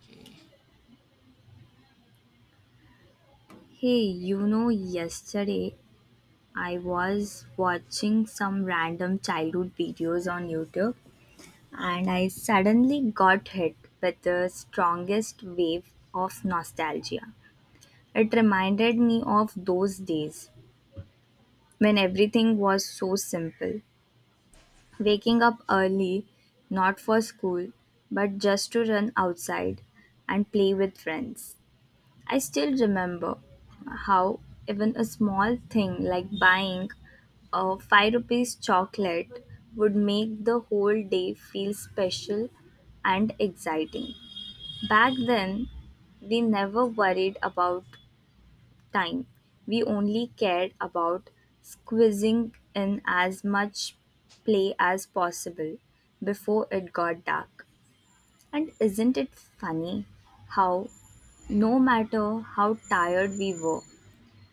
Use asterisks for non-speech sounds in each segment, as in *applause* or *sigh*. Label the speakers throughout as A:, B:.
A: Okay.
B: Hey, you know, yesterday I was watching some random childhood videos on YouTube and I suddenly got hit with the strongest wave of nostalgia. It reminded me of those days when everything was so simple. Waking up early, not for school, but just to run outside and play with friends. I still remember how even a small thing like buying a 5 rupees chocolate would make the whole day feel special and exciting. Back then, we never worried about time. We only cared about squeezing in as much play as possible before it got dark. And isn't it funny how, no matter how tired we were,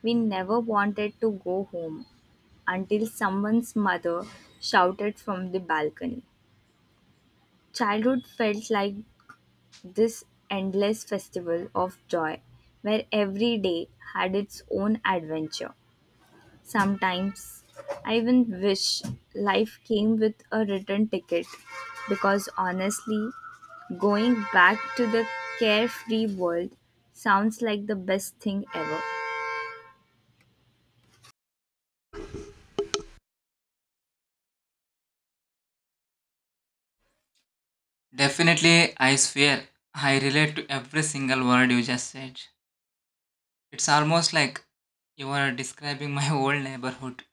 B: we never wanted to go home until someone's mother shouted from the balcony? Childhood felt like this endless festival of joy where every day had its own adventure. Sometimes I even wish life came with a return ticket because honestly, going back to the carefree world sounds like the best thing ever.
A: Definitely, I swear, I relate to every single word you just said. It's almost like you are describing my *laughs* whole neighborhood.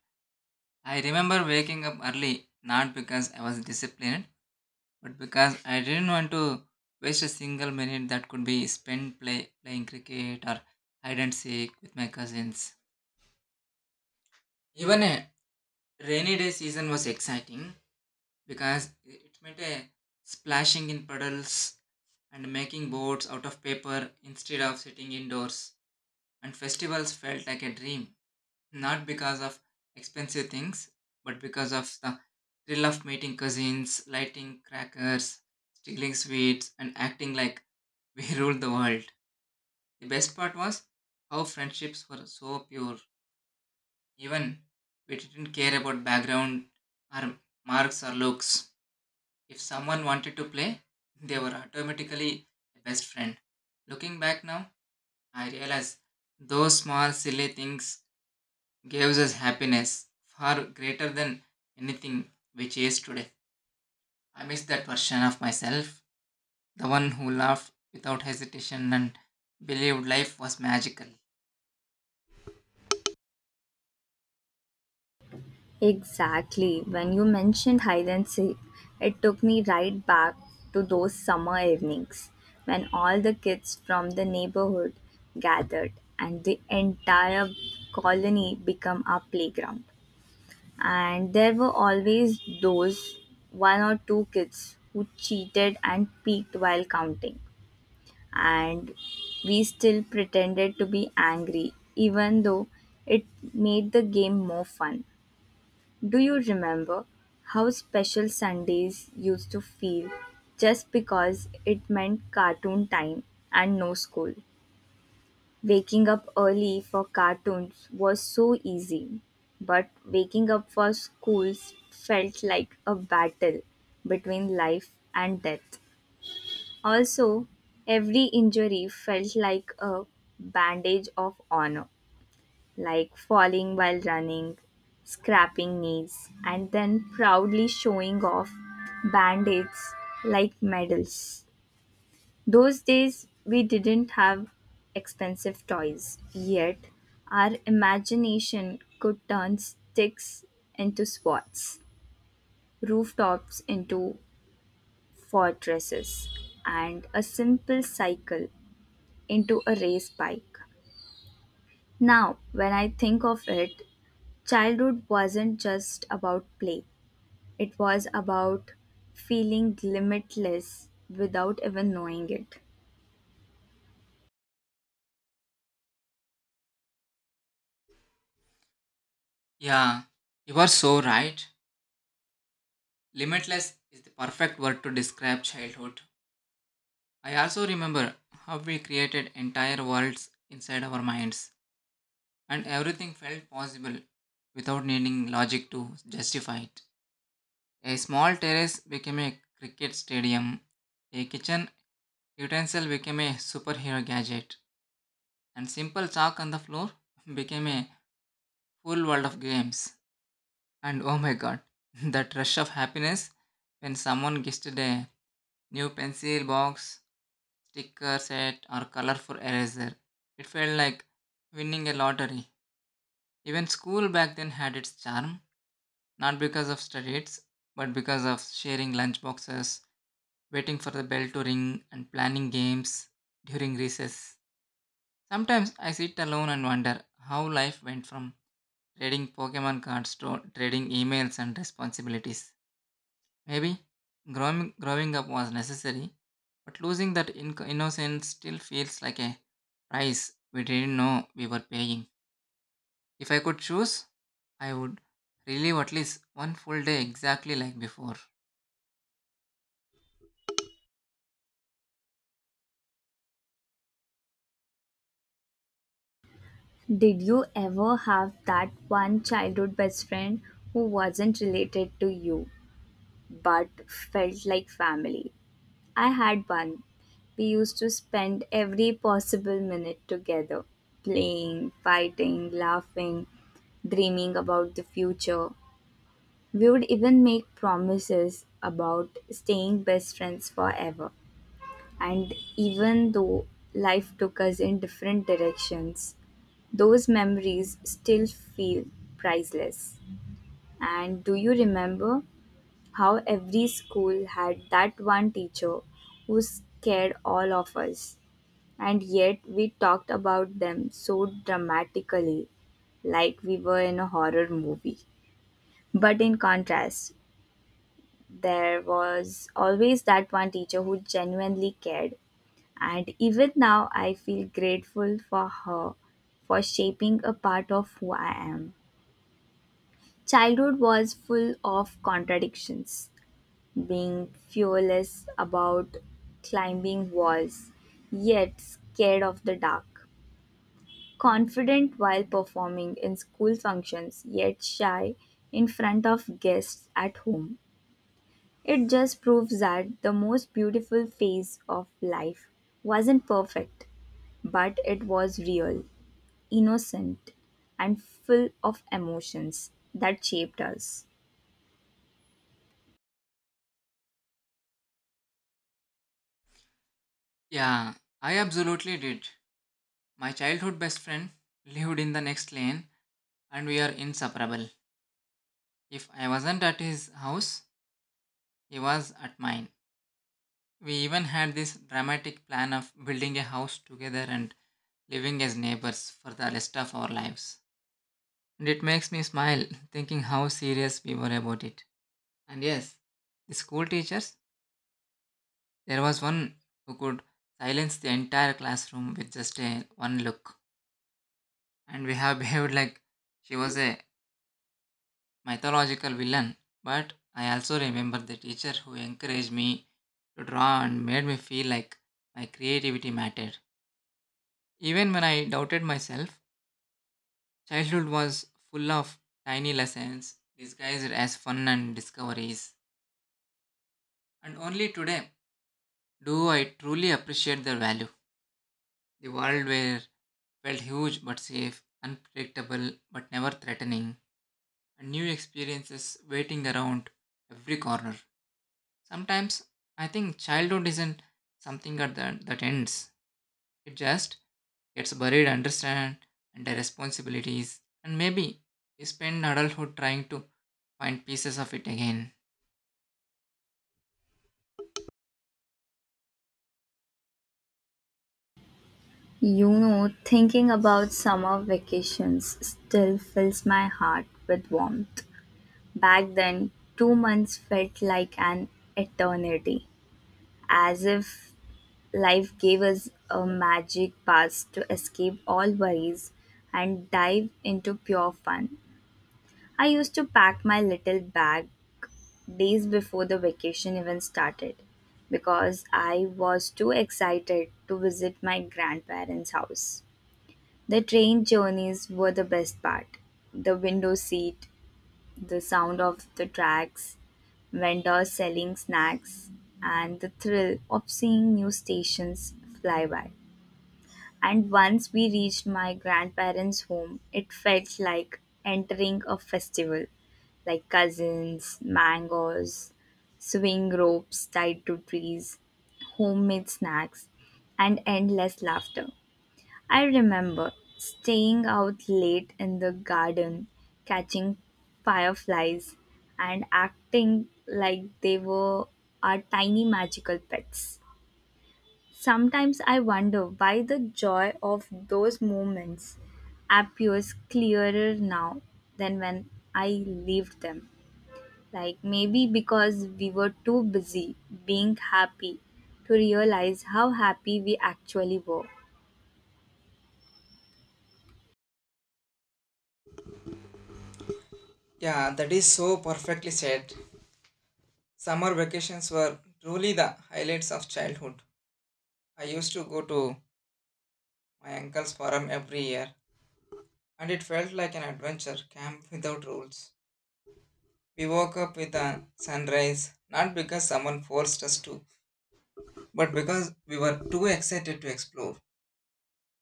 A: I remember waking up early, not because I was disciplined, but because I didn't want to waste a single minute that could be spent playing cricket or hide and seek with my cousins. Even a rainy day season was exciting because it meant a splashing in puddles and making boats out of paper instead of sitting indoors. And festivals felt like a dream, not because of expensive things, but because of the thrill of meeting cousins, lighting crackers, stealing sweets, and acting like we *laughs* ruled the world. The best part was how friendships were so pure. Even we didn't care about background or marks or looks. If someone wanted to play, they were automatically a best friend. Looking back now, I realize those small silly things gives us happiness far greater than anything we chase today. I miss that version of myself, the one who laughed without hesitation and believed life was magical.
B: Exactly. When you mentioned hide and seek, it took me right back to those summer evenings when all the kids from the neighborhood gathered and the entire colony became our playground. And there were always those one or two kids who cheated and peeked while counting. And we still pretended to be angry, even though it made the game more fun. Do you remember how special Sundays used to feel just because it meant cartoon time and no school? Waking up early for cartoons was so easy, but waking up for schools felt like a battle between life and death. Also, every injury felt like a bandage of honor, like falling while running, scrapping knees, and then proudly showing off band-aids like medals. Those days we didn't have expensive toys, yet our imagination could turn sticks into swords, rooftops into fortresses, and a simple cycle into a race bike. Now, when I think of it, childhood wasn't just about play, it was about feeling limitless without even knowing it.
A: Yeah, you are so right. Limitless is the perfect word to describe childhood. I also remember how we created entire worlds inside our minds, and everything felt possible without needing logic to justify it. A small terrace became a cricket stadium. A kitchen utensil became a superhero gadget. And simple chalk on the floor *laughs* became a full world of games. And oh my god, *laughs* that rush of happiness when someone gifted a new pencil box, sticker set, or colorful eraser. It felt like winning a lottery. Even school back then had its charm, not because of studies, but because of sharing lunch boxes waiting for the bell to ring, and planning games during recess. Sometimes I sit alone and wonder how life went from trading Pokemon cards to trading emails and responsibilities. Maybe growing up was necessary, but losing that in innocence still feels like a price we didn't know we were paying. If I could choose, I would relive at least one full day exactly like before.
B: Did you ever have that one childhood best friend who wasn't related to you but felt like family? I had one. We used to spend every possible minute together, playing, fighting, laughing, dreaming about the future. We would even make promises about staying best friends forever. And even though life took us in different directions, those memories still feel priceless. And do you remember how every school had that one teacher who scared all of us? And yet we talked about them so dramatically, like we were in a horror movie. But in contrast, there was always that one teacher who genuinely cared. And even now, I feel grateful for her for shaping a part of who I am. Childhood was full of contradictions, being fearless about climbing walls, yet scared of the dark, confident while performing in school functions, yet shy in front of guests at home. It just proves that the most beautiful phase of life wasn't perfect, but it was real, innocent, and full of emotions that shaped us.
A: Yeah, I absolutely did. My childhood best friend lived in the next lane and we are inseparable. If I wasn't at his house, he was at mine. We even had this dramatic plan of building a house together and living as neighbors for the rest of our lives. And it makes me smile thinking how serious we were about it. And yes, the school teachers, there was one who could silence the entire classroom with just a one look. And we have behaved like she was a mythological villain, but I also remember the teacher who encouraged me to draw and made me feel like my creativity mattered. Even when I doubted myself, childhood was full of tiny lessons disguised as fun and discoveries. And only today do I truly appreciate their value. The world where felt huge but safe, unpredictable but never threatening, and new experiences waiting around every corner. Sometimes I think childhood isn't something that ends. It just gets buried under understand and the responsibilities and maybe we spend adulthood trying to find pieces of it again.
B: You know, thinking about summer vacations still fills my heart with warmth. Back then, 2 months felt like an eternity, as if life gave us a magic pass to escape all worries and dive into pure fun. I used to pack my little bag days before the vacation even started because I was too excited to visit my grandparents' house. The train journeys were the best part. The window seat, the sound of the tracks, vendors selling snacks, and the thrill of seeing new stations fly by. And once we reached my grandparents' home, it felt like entering a festival like cousins, mangoes, swing ropes tied to trees, homemade snacks, and endless laughter. I remember staying out late in the garden, catching fireflies, and acting like they were our tiny magical pets. Sometimes I wonder why the joy of those moments appears clearer now than when I lived them. Like maybe because we were too busy being happy to realize how happy we actually were.
A: Yeah, that is so perfectly said. Summer vacations were truly the highlights of childhood. I used to go to my uncle's farm every year, and it felt like an adventure camp without rules. We woke up with a sunrise, not because someone forced us to, but because we were too excited to explore,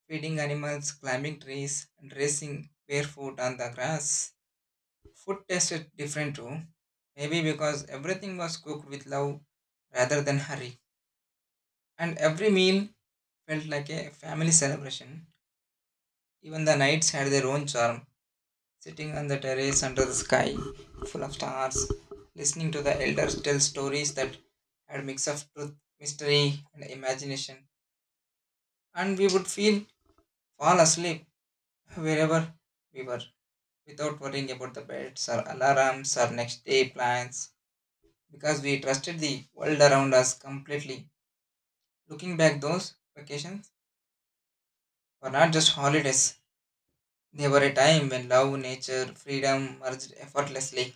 A: feeding animals, climbing trees, and racing barefoot on the grass, food tasted different too. Maybe because everything was cooked with love rather than hurry, and every meal felt like a family celebration. Even the nights had their own charm, sitting on the terrace under the sky, full of stars, listening to the elders tell stories that had a mix of truth, mystery, and imagination. And we would feel fall asleep wherever we were without worrying about the beds or alarms or next day plans because we trusted the world around us completely. Looking back, those vacations were not just holidays, they were a time when love, nature, freedom merged effortlessly.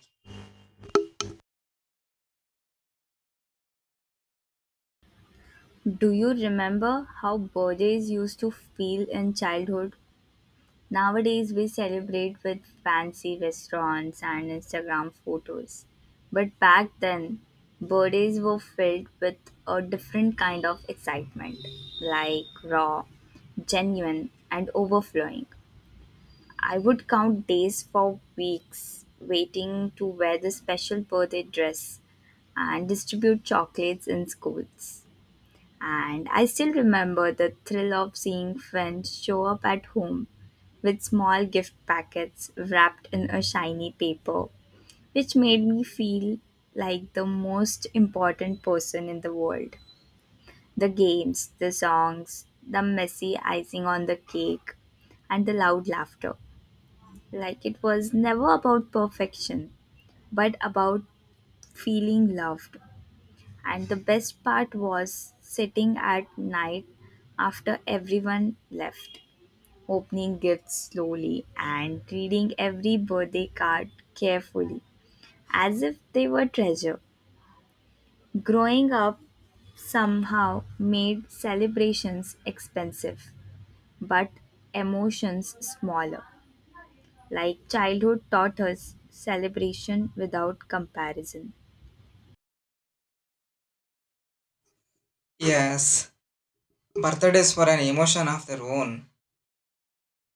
B: Do you remember how birthdays used to feel in childhood? Nowadays, we celebrate with fancy restaurants and Instagram photos. But back then, birthdays were filled with a different kind of excitement, like raw, genuine, and overflowing. I would count days for weeks waiting to wear the special birthday dress and distribute chocolates in schools. And I still remember the thrill of seeing friends show up at home with small gift packets wrapped in a shiny paper, which made me feel like the most important person in the world. The games, the songs, the messy icing on the cake, and the loud laughter. Like it was never about perfection, but about feeling loved and the best part was sitting at night after everyone left, opening gifts slowly and reading every birthday card carefully as if they were treasure. Growing up somehow made celebrations expensive but emotions smaller. Like childhood taught us celebration without comparison.
A: Yes, birthdays were an emotion of their own.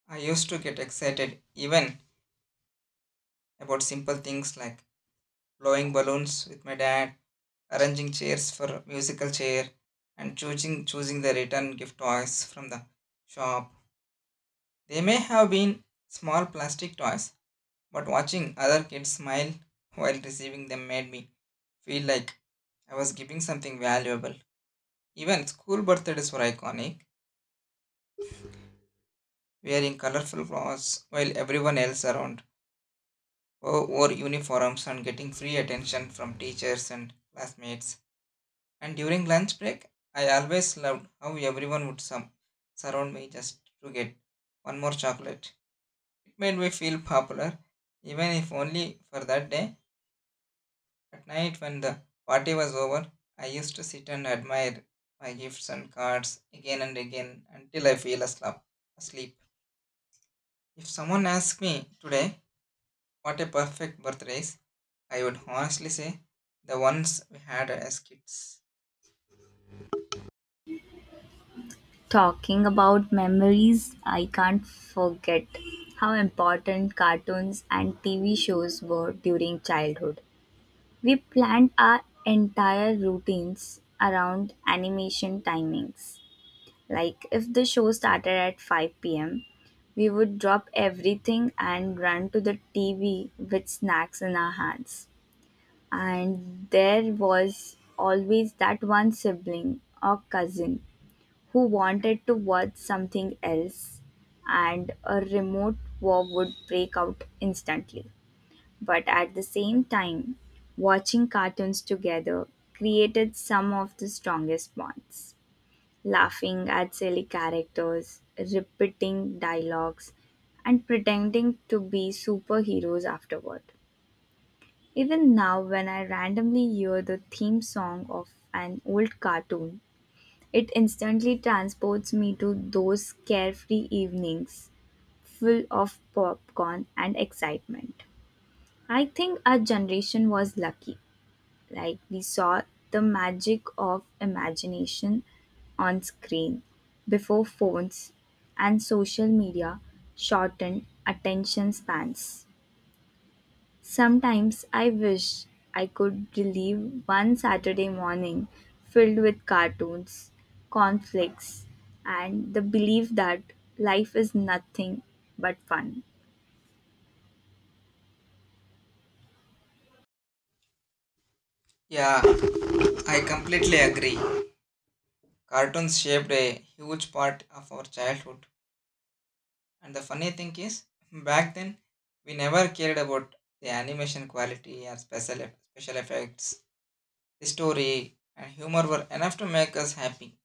A: I used to get excited even about simple things like blowing balloons with my dad arranging chairs for musical chair and choosing the return gift toys from the shop. They may have been small plastic toys, but watching other kids smile while receiving them made me feel like I was giving something valuable. Even school birthdays were iconic, wearing colorful clothes while everyone else around wore uniforms and getting free attention from teachers and classmates. And during lunch break, I always loved how everyone would some surround me just to get one more chocolate. It made me feel popular, even if only for that day. At night, when the party was over, I used to sit and admire my gifts and cards again and again until I fell asleep. If someone asked me today what a perfect birthday is, I would honestly say the ones we had as kids.
B: Talking about memories, I can't forget how important cartoons and TV shows were during childhood. We planned our entire routines around animation timings. Like if the show started at 5 p.m., we would drop everything and run to the TV with snacks in our hands. And there was always that one sibling or cousin who wanted to watch something else, and a remote war would break out instantly. But at the same time, watching cartoons together created some of the strongest bonds. Laughing at silly characters, repeating dialogues, and pretending to be superheroes afterward. Even now, when I randomly hear the theme song of an old cartoon, it instantly transports me to those carefree evenings full of popcorn and excitement. I think our generation was lucky. Like, we saw the magic of imagination on screen before phones and social media shortened attention spans. Sometimes I wish I could relive one Saturday morning filled with cartoons, conflicts, and the belief that life is nothing but fun.
A: Yeah, I completely agree. Cartoons shaped a huge part of our childhood. And the funny thing is, *laughs* back then, we never cared about the animation quality or special effects. The story and humor were enough to make us happy.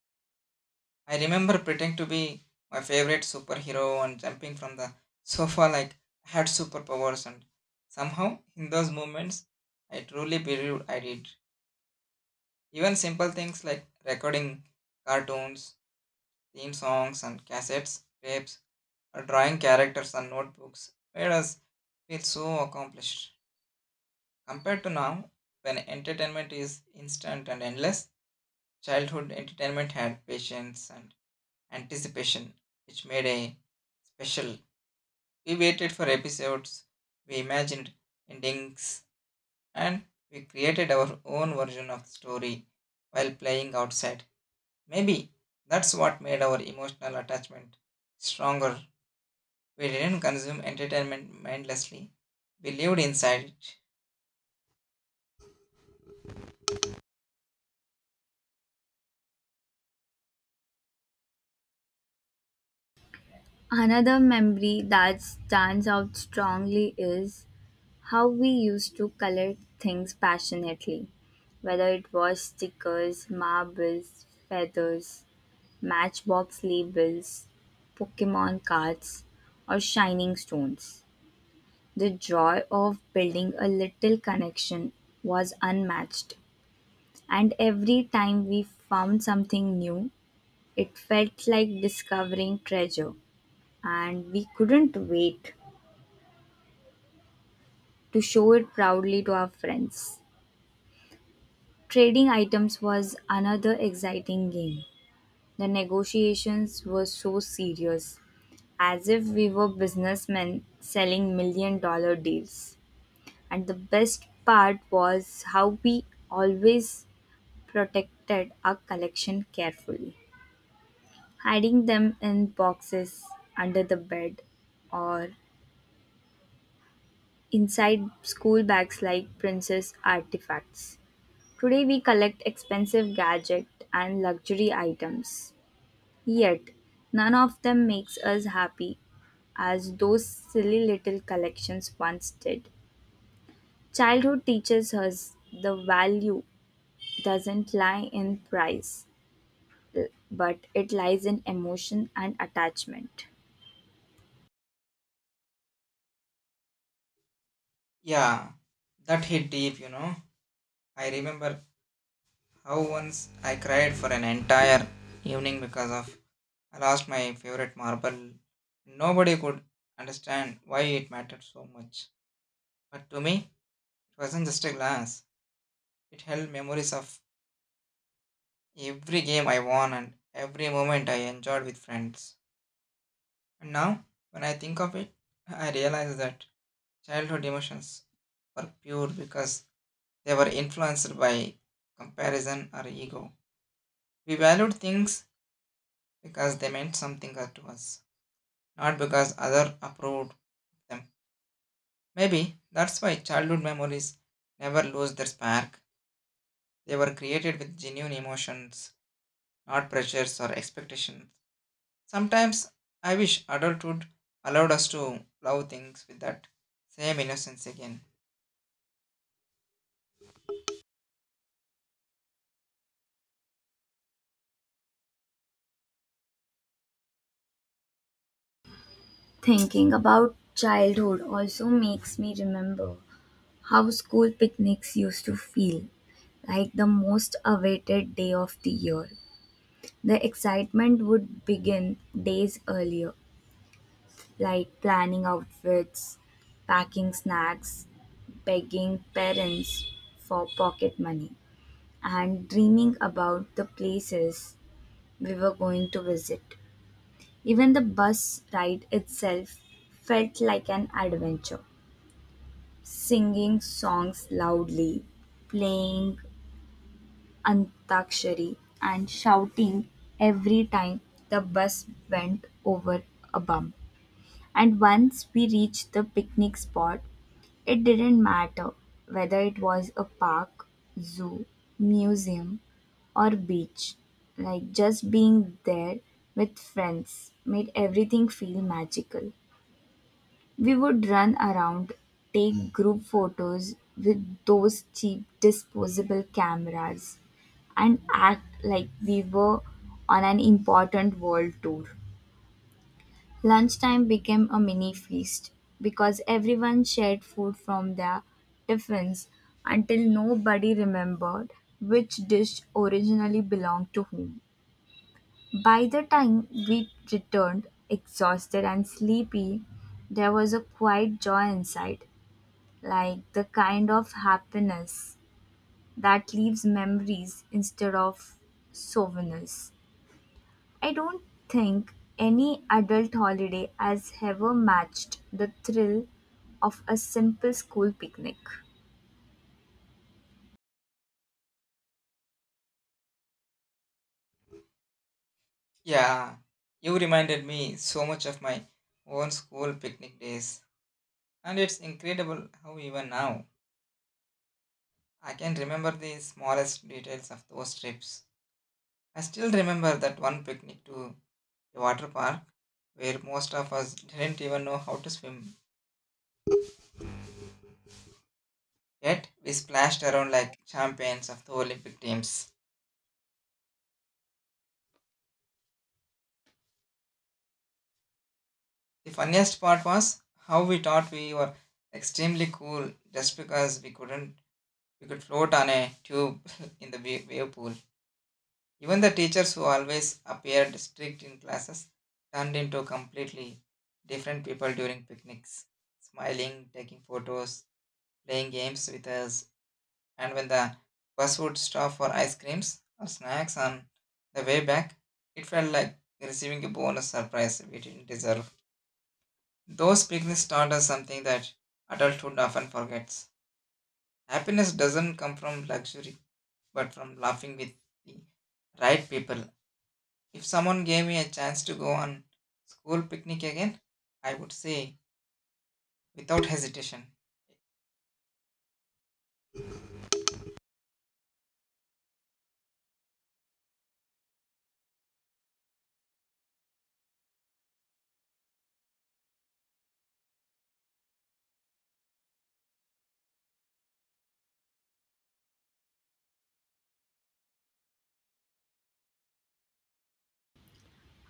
A: I remember pretending to be my favorite superhero and jumping from the sofa like I had superpowers. And somehow, in those moments, I truly believed I did. Even simple things like recording cartoons, theme songs, and cassettes, tapes drawing characters on notebooks made us feel so accomplished. Compared to now, when entertainment is instant and endless, childhood entertainment had patience and anticipation, which made a special. We waited for episodes, we imagined endings, and we created our own version of the story while playing outside. Maybe that's what made our emotional attachment stronger. We didn't consume entertainment mindlessly. We lived inside it.
B: Another memory that stands out strongly is how we used to color things passionately, whether it was stickers, marbles, feathers, matchbox labels, Pokemon cards, or shining stones. The joy of building a little connection was unmatched, and every time we found something new, it felt like discovering treasure, and we couldn't wait to show it proudly to our friends. Trading items was another exciting game. The negotiations were so serious, as if we were businessmen selling million-dollar deals. And the best part was how we always protected our collection carefully, hiding them in boxes under the bed or inside school bags like princess artifacts. Today we collect expensive gadgets and luxury items, yet none of them makes us happy as those silly little collections once did. Childhood teaches us the value doesn't lie in price but it lies in emotion and attachment.
A: Yeah, that hit deep, you know. I remember how once I cried for an entire evening because of I lost my favorite marble. Nobody could understand why it mattered so much. But to me, it wasn't just a glass. It held memories of every game I won and every moment I enjoyed with friends. And now, when I think of it, I realize that childhood emotions were pure because they were influenced by comparison or ego. We valued things because they meant something to us, not because others approved them. Maybe that's why childhood memories never lose their spark. They were created with genuine emotions, not pressures or expectations. Sometimes I wish adulthood allowed us to love things with that same innocence again.
B: Thinking about childhood also makes me remember how school picnics used to feel like the most awaited day of the year. The excitement would begin days earlier, like planning outfits, packing snacks, begging parents for pocket money, and dreaming about the places we were going to visit. Even the bus ride itself felt like an adventure. Singing songs loudly, playing Antakshari, and shouting every time the bus went over a bump. And once we reached the picnic spot, it didn't matter whether it was a park, zoo, museum, or beach. Like just being there with friends made everything feel magical. We would run around, take group photos with those cheap disposable cameras, and act like we were on an important world tour. Lunchtime became a mini feast because everyone shared food from their tiffins until nobody remembered which dish originally belonged to whom. By the time we returned, exhausted and sleepy, there was a quiet joy inside, like the kind of happiness that leaves memories instead of souvenirs. I don't think any adult holiday has ever matched the thrill of a simple school picnic.
A: Yeah, you reminded me so much of my own school picnic days. And it's incredible how even now I can remember the smallest details of those trips. I still remember that one picnic to the water park where most of us didn't even know how to swim. Yet we splashed around like champions of the Olympic teams. The funniest part was how we thought we were extremely cool just because we couldn't we could float on a tube *laughs* in the wave pool. Even the teachers who always appeared strict in classes turned into completely different people during picnics, smiling, taking photos, playing games with us, and when the bus would stop for ice creams or snacks on the way back, it felt like receiving a bonus surprise we didn't deserve. Those picnics taught us something that adulthood often forgets. Happiness doesn't come from luxury, but from laughing with the right people. If someone gave me a chance to go on school picnic again, I would say without hesitation.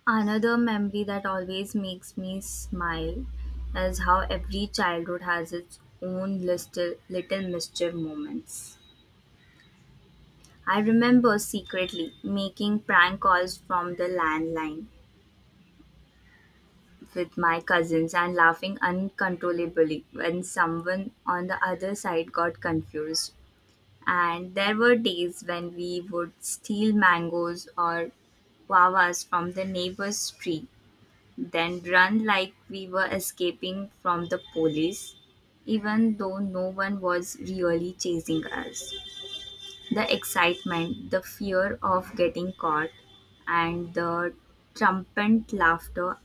B: Another memory that always makes me smile is how every childhood has its own little mischief moments. I remember secretly making prank calls from the landline with my cousins and laughing uncontrollably when someone on the other side got confused. And there were days when we would steal mangoes or guavas from the neighbor's tree, then run like we were escaping from the police, even though no one was really chasing us. The excitement, the fear of getting caught, and the trumpet laughter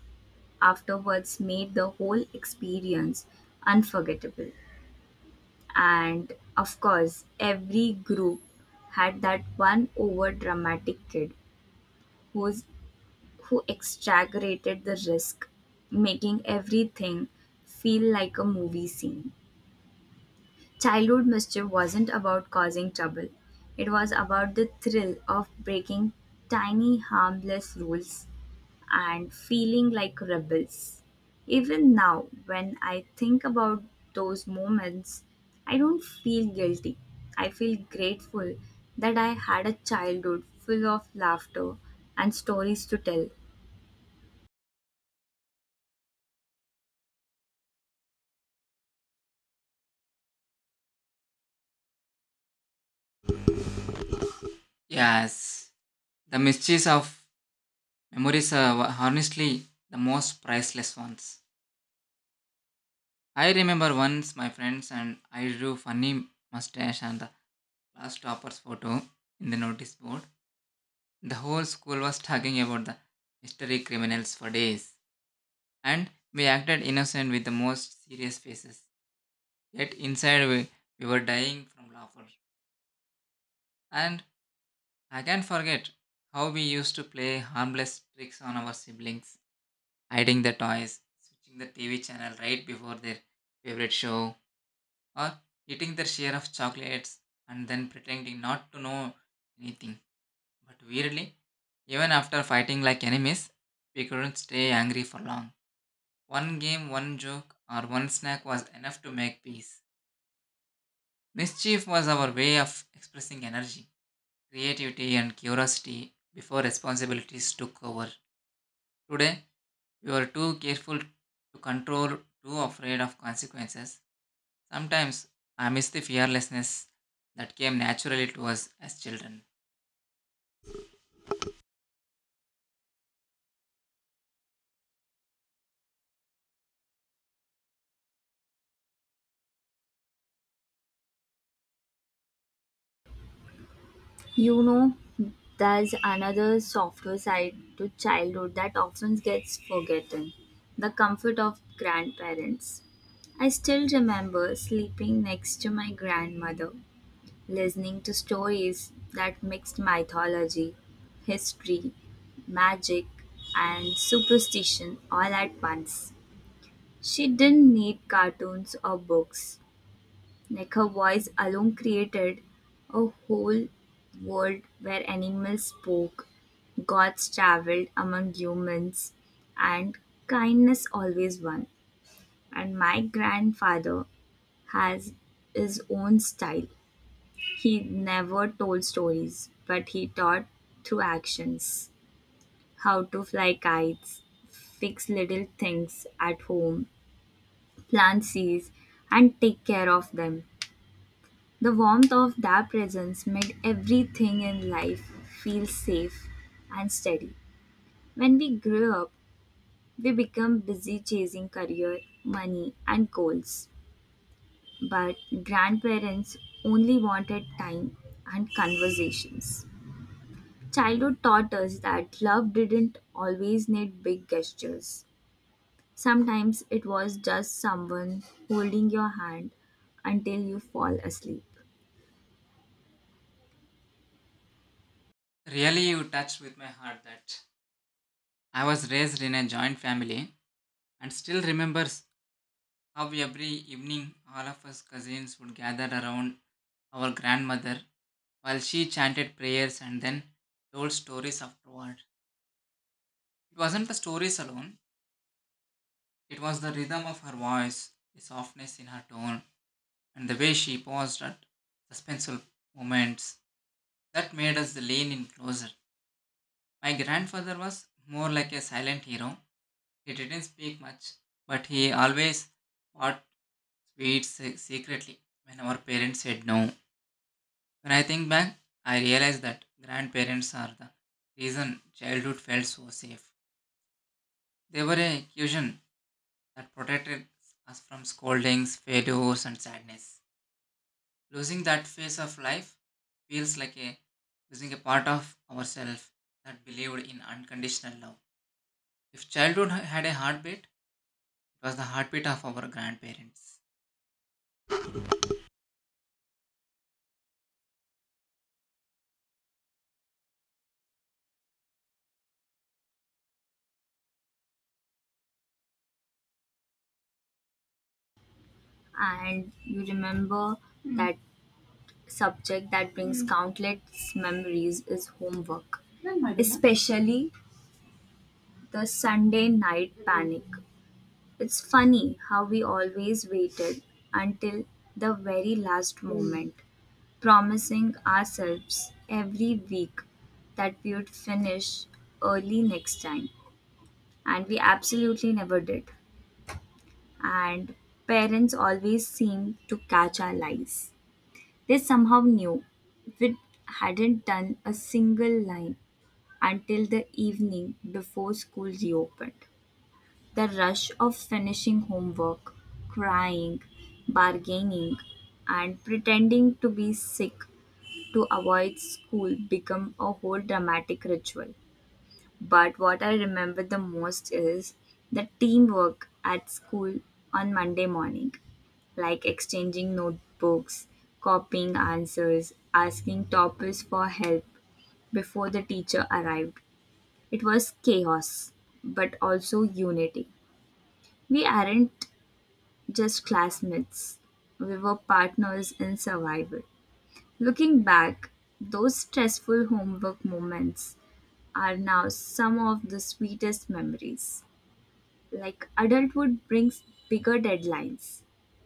B: afterwards made the whole experience unforgettable. And of course, every group had that one over dramatic kid who's, who exaggerated the risk, making everything feel like a movie scene. Childhood mischief wasn't about causing trouble, it was about the thrill of breaking tiny harmless rules and feeling like rebels. Even now, when I think about those moments, I don't feel guilty. I feel grateful that I had a childhood full of laughter and stories to tell.
A: Yes, the mysteries of memories are honestly the most priceless ones. I remember once my friends and I drew funny mustache and the class topper's photo in the notice board. The whole school was talking about the mystery criminals for days, and we acted innocent with the most serious faces. Yet inside we were dying from laughter. And I can't forget how we used to play harmless tricks on our siblings, hiding the toys, switching the TV channel right before their favorite show, or eating their share of chocolates and then pretending not to know anything. But weirdly, even after fighting like enemies, we couldn't stay angry for long. One game, one joke, or one snack was enough to make peace. Mischief was our way of expressing energy, creativity, and curiosity before responsibilities took over. Today, you are too careful to control, too afraid of consequences. Sometimes I miss the fearlessness that came naturally to us as children.
B: You know, there's another softer side to childhood that often gets forgotten the comfort of grandparents. I still remember sleeping next to my grandmother listening to stories that mixed mythology, history, magic, and superstition all at once. She didn't need cartoons or books. Like, her voice alone created a whole world where animals spoke, gods traveled among humans, and kindness always won. And my grandfather has his own style. He never told stories, but he taught through actions how to fly kites, fix little things at home, plant seeds, and take care of them. The warmth of their presence made everything in life feel safe and steady. When we grew up, we become busy chasing career, money, and goals. But grandparents only wanted time and conversations. Childhood taught us that love didn't always need big gestures. Sometimes it was just someone holding your hand until you fall asleep.
A: Really, you touched with my heart that I was raised in a joint family and still remembers how every evening all of us cousins would gather around our grandmother while she chanted prayers and then told stories afterward. It wasn't the stories alone, it was the rhythm of her voice, the softness in her tone, and the way she paused at suspenseful moments that made us lean in closer. My grandfather was more like a silent hero. He didn't speak much, but he always bought sweets secretly when our parents said no. When I think back, I realize that grandparents are the reason childhood felt so safe. They were a cushion that protected us from scoldings, failures, and sadness. Losing that phase of life feels like a losing a part of ourselves that believed in unconditional love. If childhood had a heartbeat, it was the heartbeat of our grandparents.
B: And you remember that subject that brings countless memories is homework, especially the Sunday night panic. It's funny how we always waited until the very last moment, promising ourselves every week that we would finish early next time. And we absolutely never did. And parents always seemed to catch our lies. They somehow knew we hadn't done a single line until the evening before school reopened. The rush of finishing homework, crying, bargaining, and pretending to be sick to avoid school become a whole dramatic ritual. But what I remember the most is the teamwork at school on Monday morning, like exchanging notebooks, copying answers, asking toppers for help before the teacher arrived. It was chaos, but also unity. We aren't just classmates, we were partners in survival. Looking back, those stressful homework moments are now some of the sweetest memories. Like, adulthood brings bigger deadlines,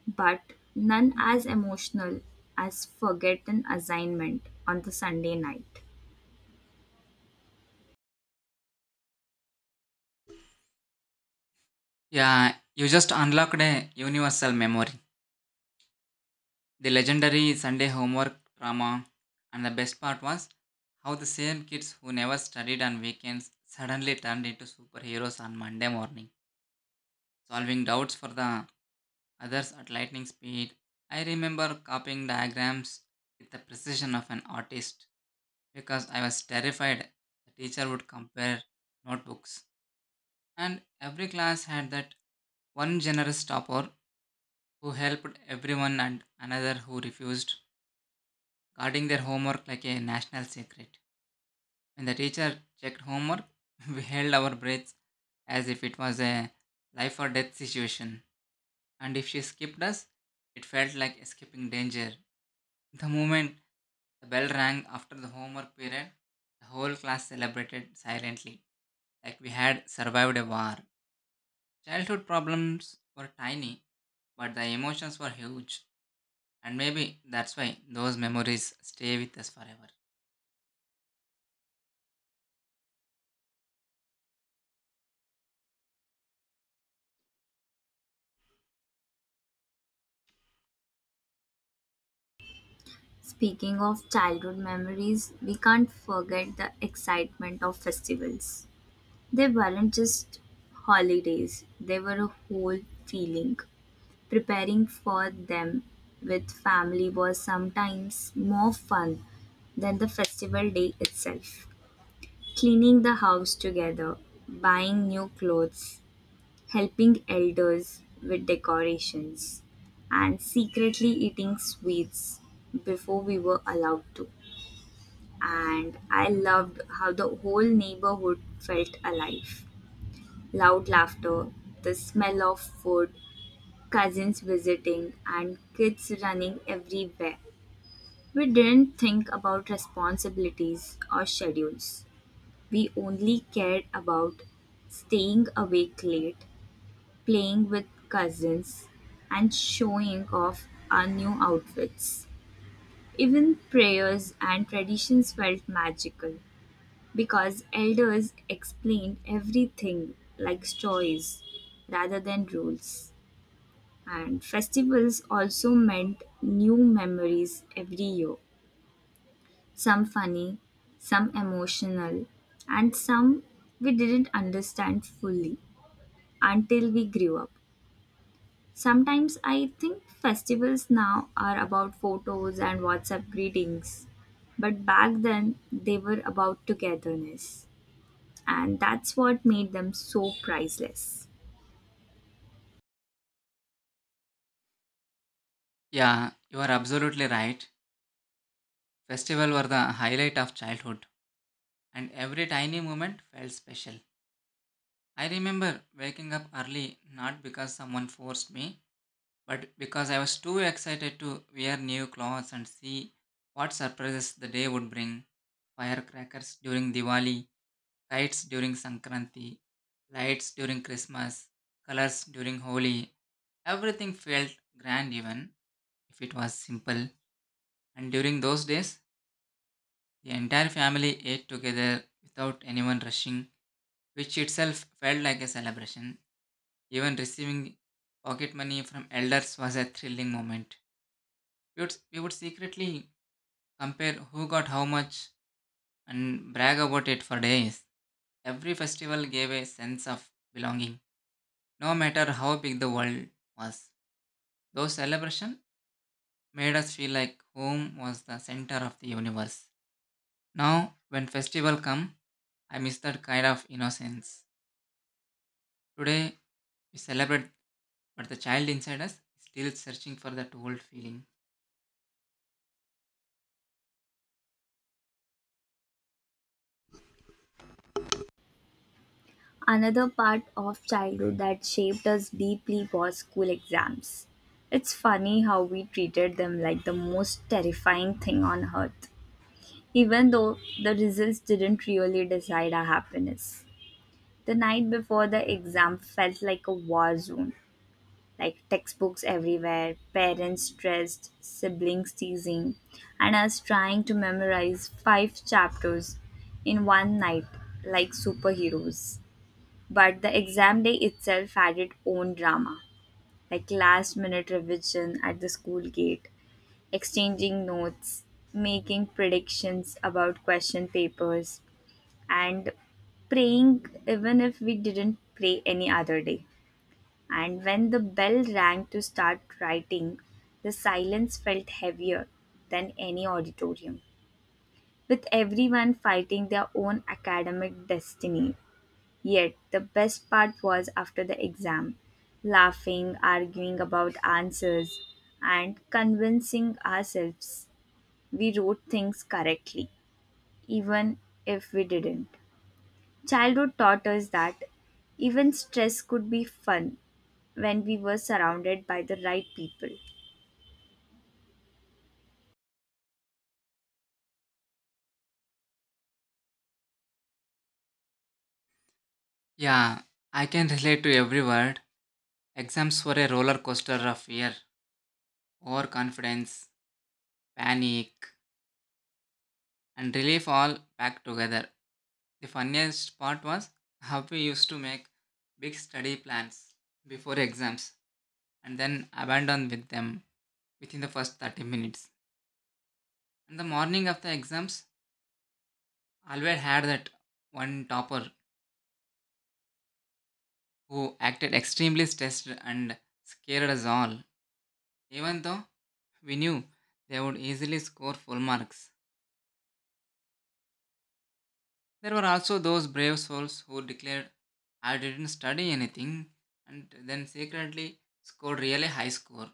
B: but none as emotional as forgotten assignment on the Sunday night.
A: Yeah, you just unlocked a universal memory. The legendary Sunday homework drama, and the best part was how the same kids who never studied on weekends suddenly turned into superheroes on Monday morning, solving doubts for the others at lightning speed. I remember copying diagrams with the precision of an artist because I was terrified the teacher would compare notebooks. And every class had that one generous topper who helped everyone and another who refused, guarding their homework like a national secret. When the teacher checked homework, *laughs* we held our breaths as if it was a life or death situation. And if she skipped us, it felt like escaping danger. The moment the bell rang after the homework period, the whole class celebrated silently, like we had survived a war. Childhood problems were tiny, but the emotions were huge. And maybe that's why those memories stay with us forever.
B: Speaking of childhood memories, we can't forget the excitement of festivals. They weren't just holidays, they were a whole feeling. Preparing for them with family was sometimes more fun than the festival day itself. Cleaning the house together, buying new clothes, helping elders with decorations, and secretly eating sweets before we were allowed to. And I loved how the whole neighborhood felt alive. Loud laughter, the smell of food, cousins visiting, and kids running everywhere. We didn't think about responsibilities or schedules. We only cared about staying awake late, playing with cousins, and showing off our new outfits. Even prayers and traditions felt magical because elders explained everything like stories rather than rules. And festivals also meant new memories every year. Some funny, some emotional, and some we didn't understand fully until we grew up. Sometimes I think festivals now are about photos and WhatsApp greetings, but back then they were about togetherness, and that's what made them so priceless.
A: Yeah, you are absolutely right. Festivals were the highlight of childhood, and every tiny moment felt special. I remember waking up early not because someone forced me, but because I was too excited to wear new clothes and see what surprises the day would bring. Firecrackers during Diwali, kites during Sankranti, lights during Christmas, colors during Holi. Everything felt grand even if it was simple. And during those days, the entire family ate together without anyone rushing, which itself felt like a celebration. Even receiving pocket money from elders was a thrilling moment. We would secretly compare who got how much and brag about it for days. Every festival gave a sense of belonging, no matter how big the world was. Those celebrations made us feel like home was the center of the universe. Now, when festival come, I miss that kind of innocence. Today, we celebrate, but the child inside us is still searching for that old feeling.
B: Another part of childhood that shaped us deeply was school exams. It's funny how we treated them like the most terrifying thing on earth, even though the results didn't really decide our happiness. The night before the exam felt like a war zone, like textbooks everywhere, parents stressed, siblings teasing, and us trying to memorize five chapters in one night like superheroes. But the exam day itself had its own drama, like last minute revision at the school gate, exchanging notes, making predictions about question papers, and praying even if we didn't pray any other day. And when the bell rang to start writing, the silence felt heavier than any auditorium, with everyone fighting their own academic destiny. Yet the best part was after the exam, laughing, arguing about answers, and convincing ourselves we wrote things correctly, even if we didn't. Childhood taught us that even stress could be fun when we were surrounded by the right people.
A: Yeah, I can relate to every word. Exams were a roller coaster of fear, overconfidence, panic, and relief all packed together. The funniest part was how we used to make big study plans before exams and then abandon with them within the first 30 minutes. And the morning of the exams, always had that one topper who acted extremely stressed and scared us all, even though we knew they would easily score full marks. There were also those brave souls who declared, I didn't study anything, and then secretly scored really high score,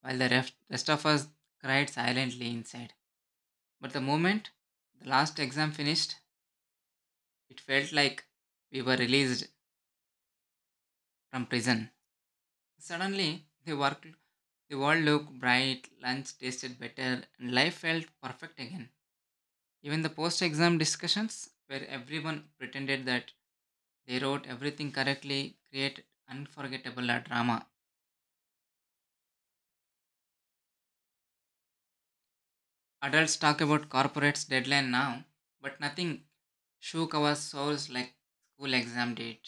A: while the rest of us cried silently inside. But the moment the last exam finished, it felt like we were released from prison. Suddenly, the world looked bright, lunch tasted better, and life felt perfect again. Even the post-exam discussions, where everyone pretended that they wrote everything correctly, created unforgettable drama. Adults talk about corporate's deadline now, but nothing shook our souls like school exam did.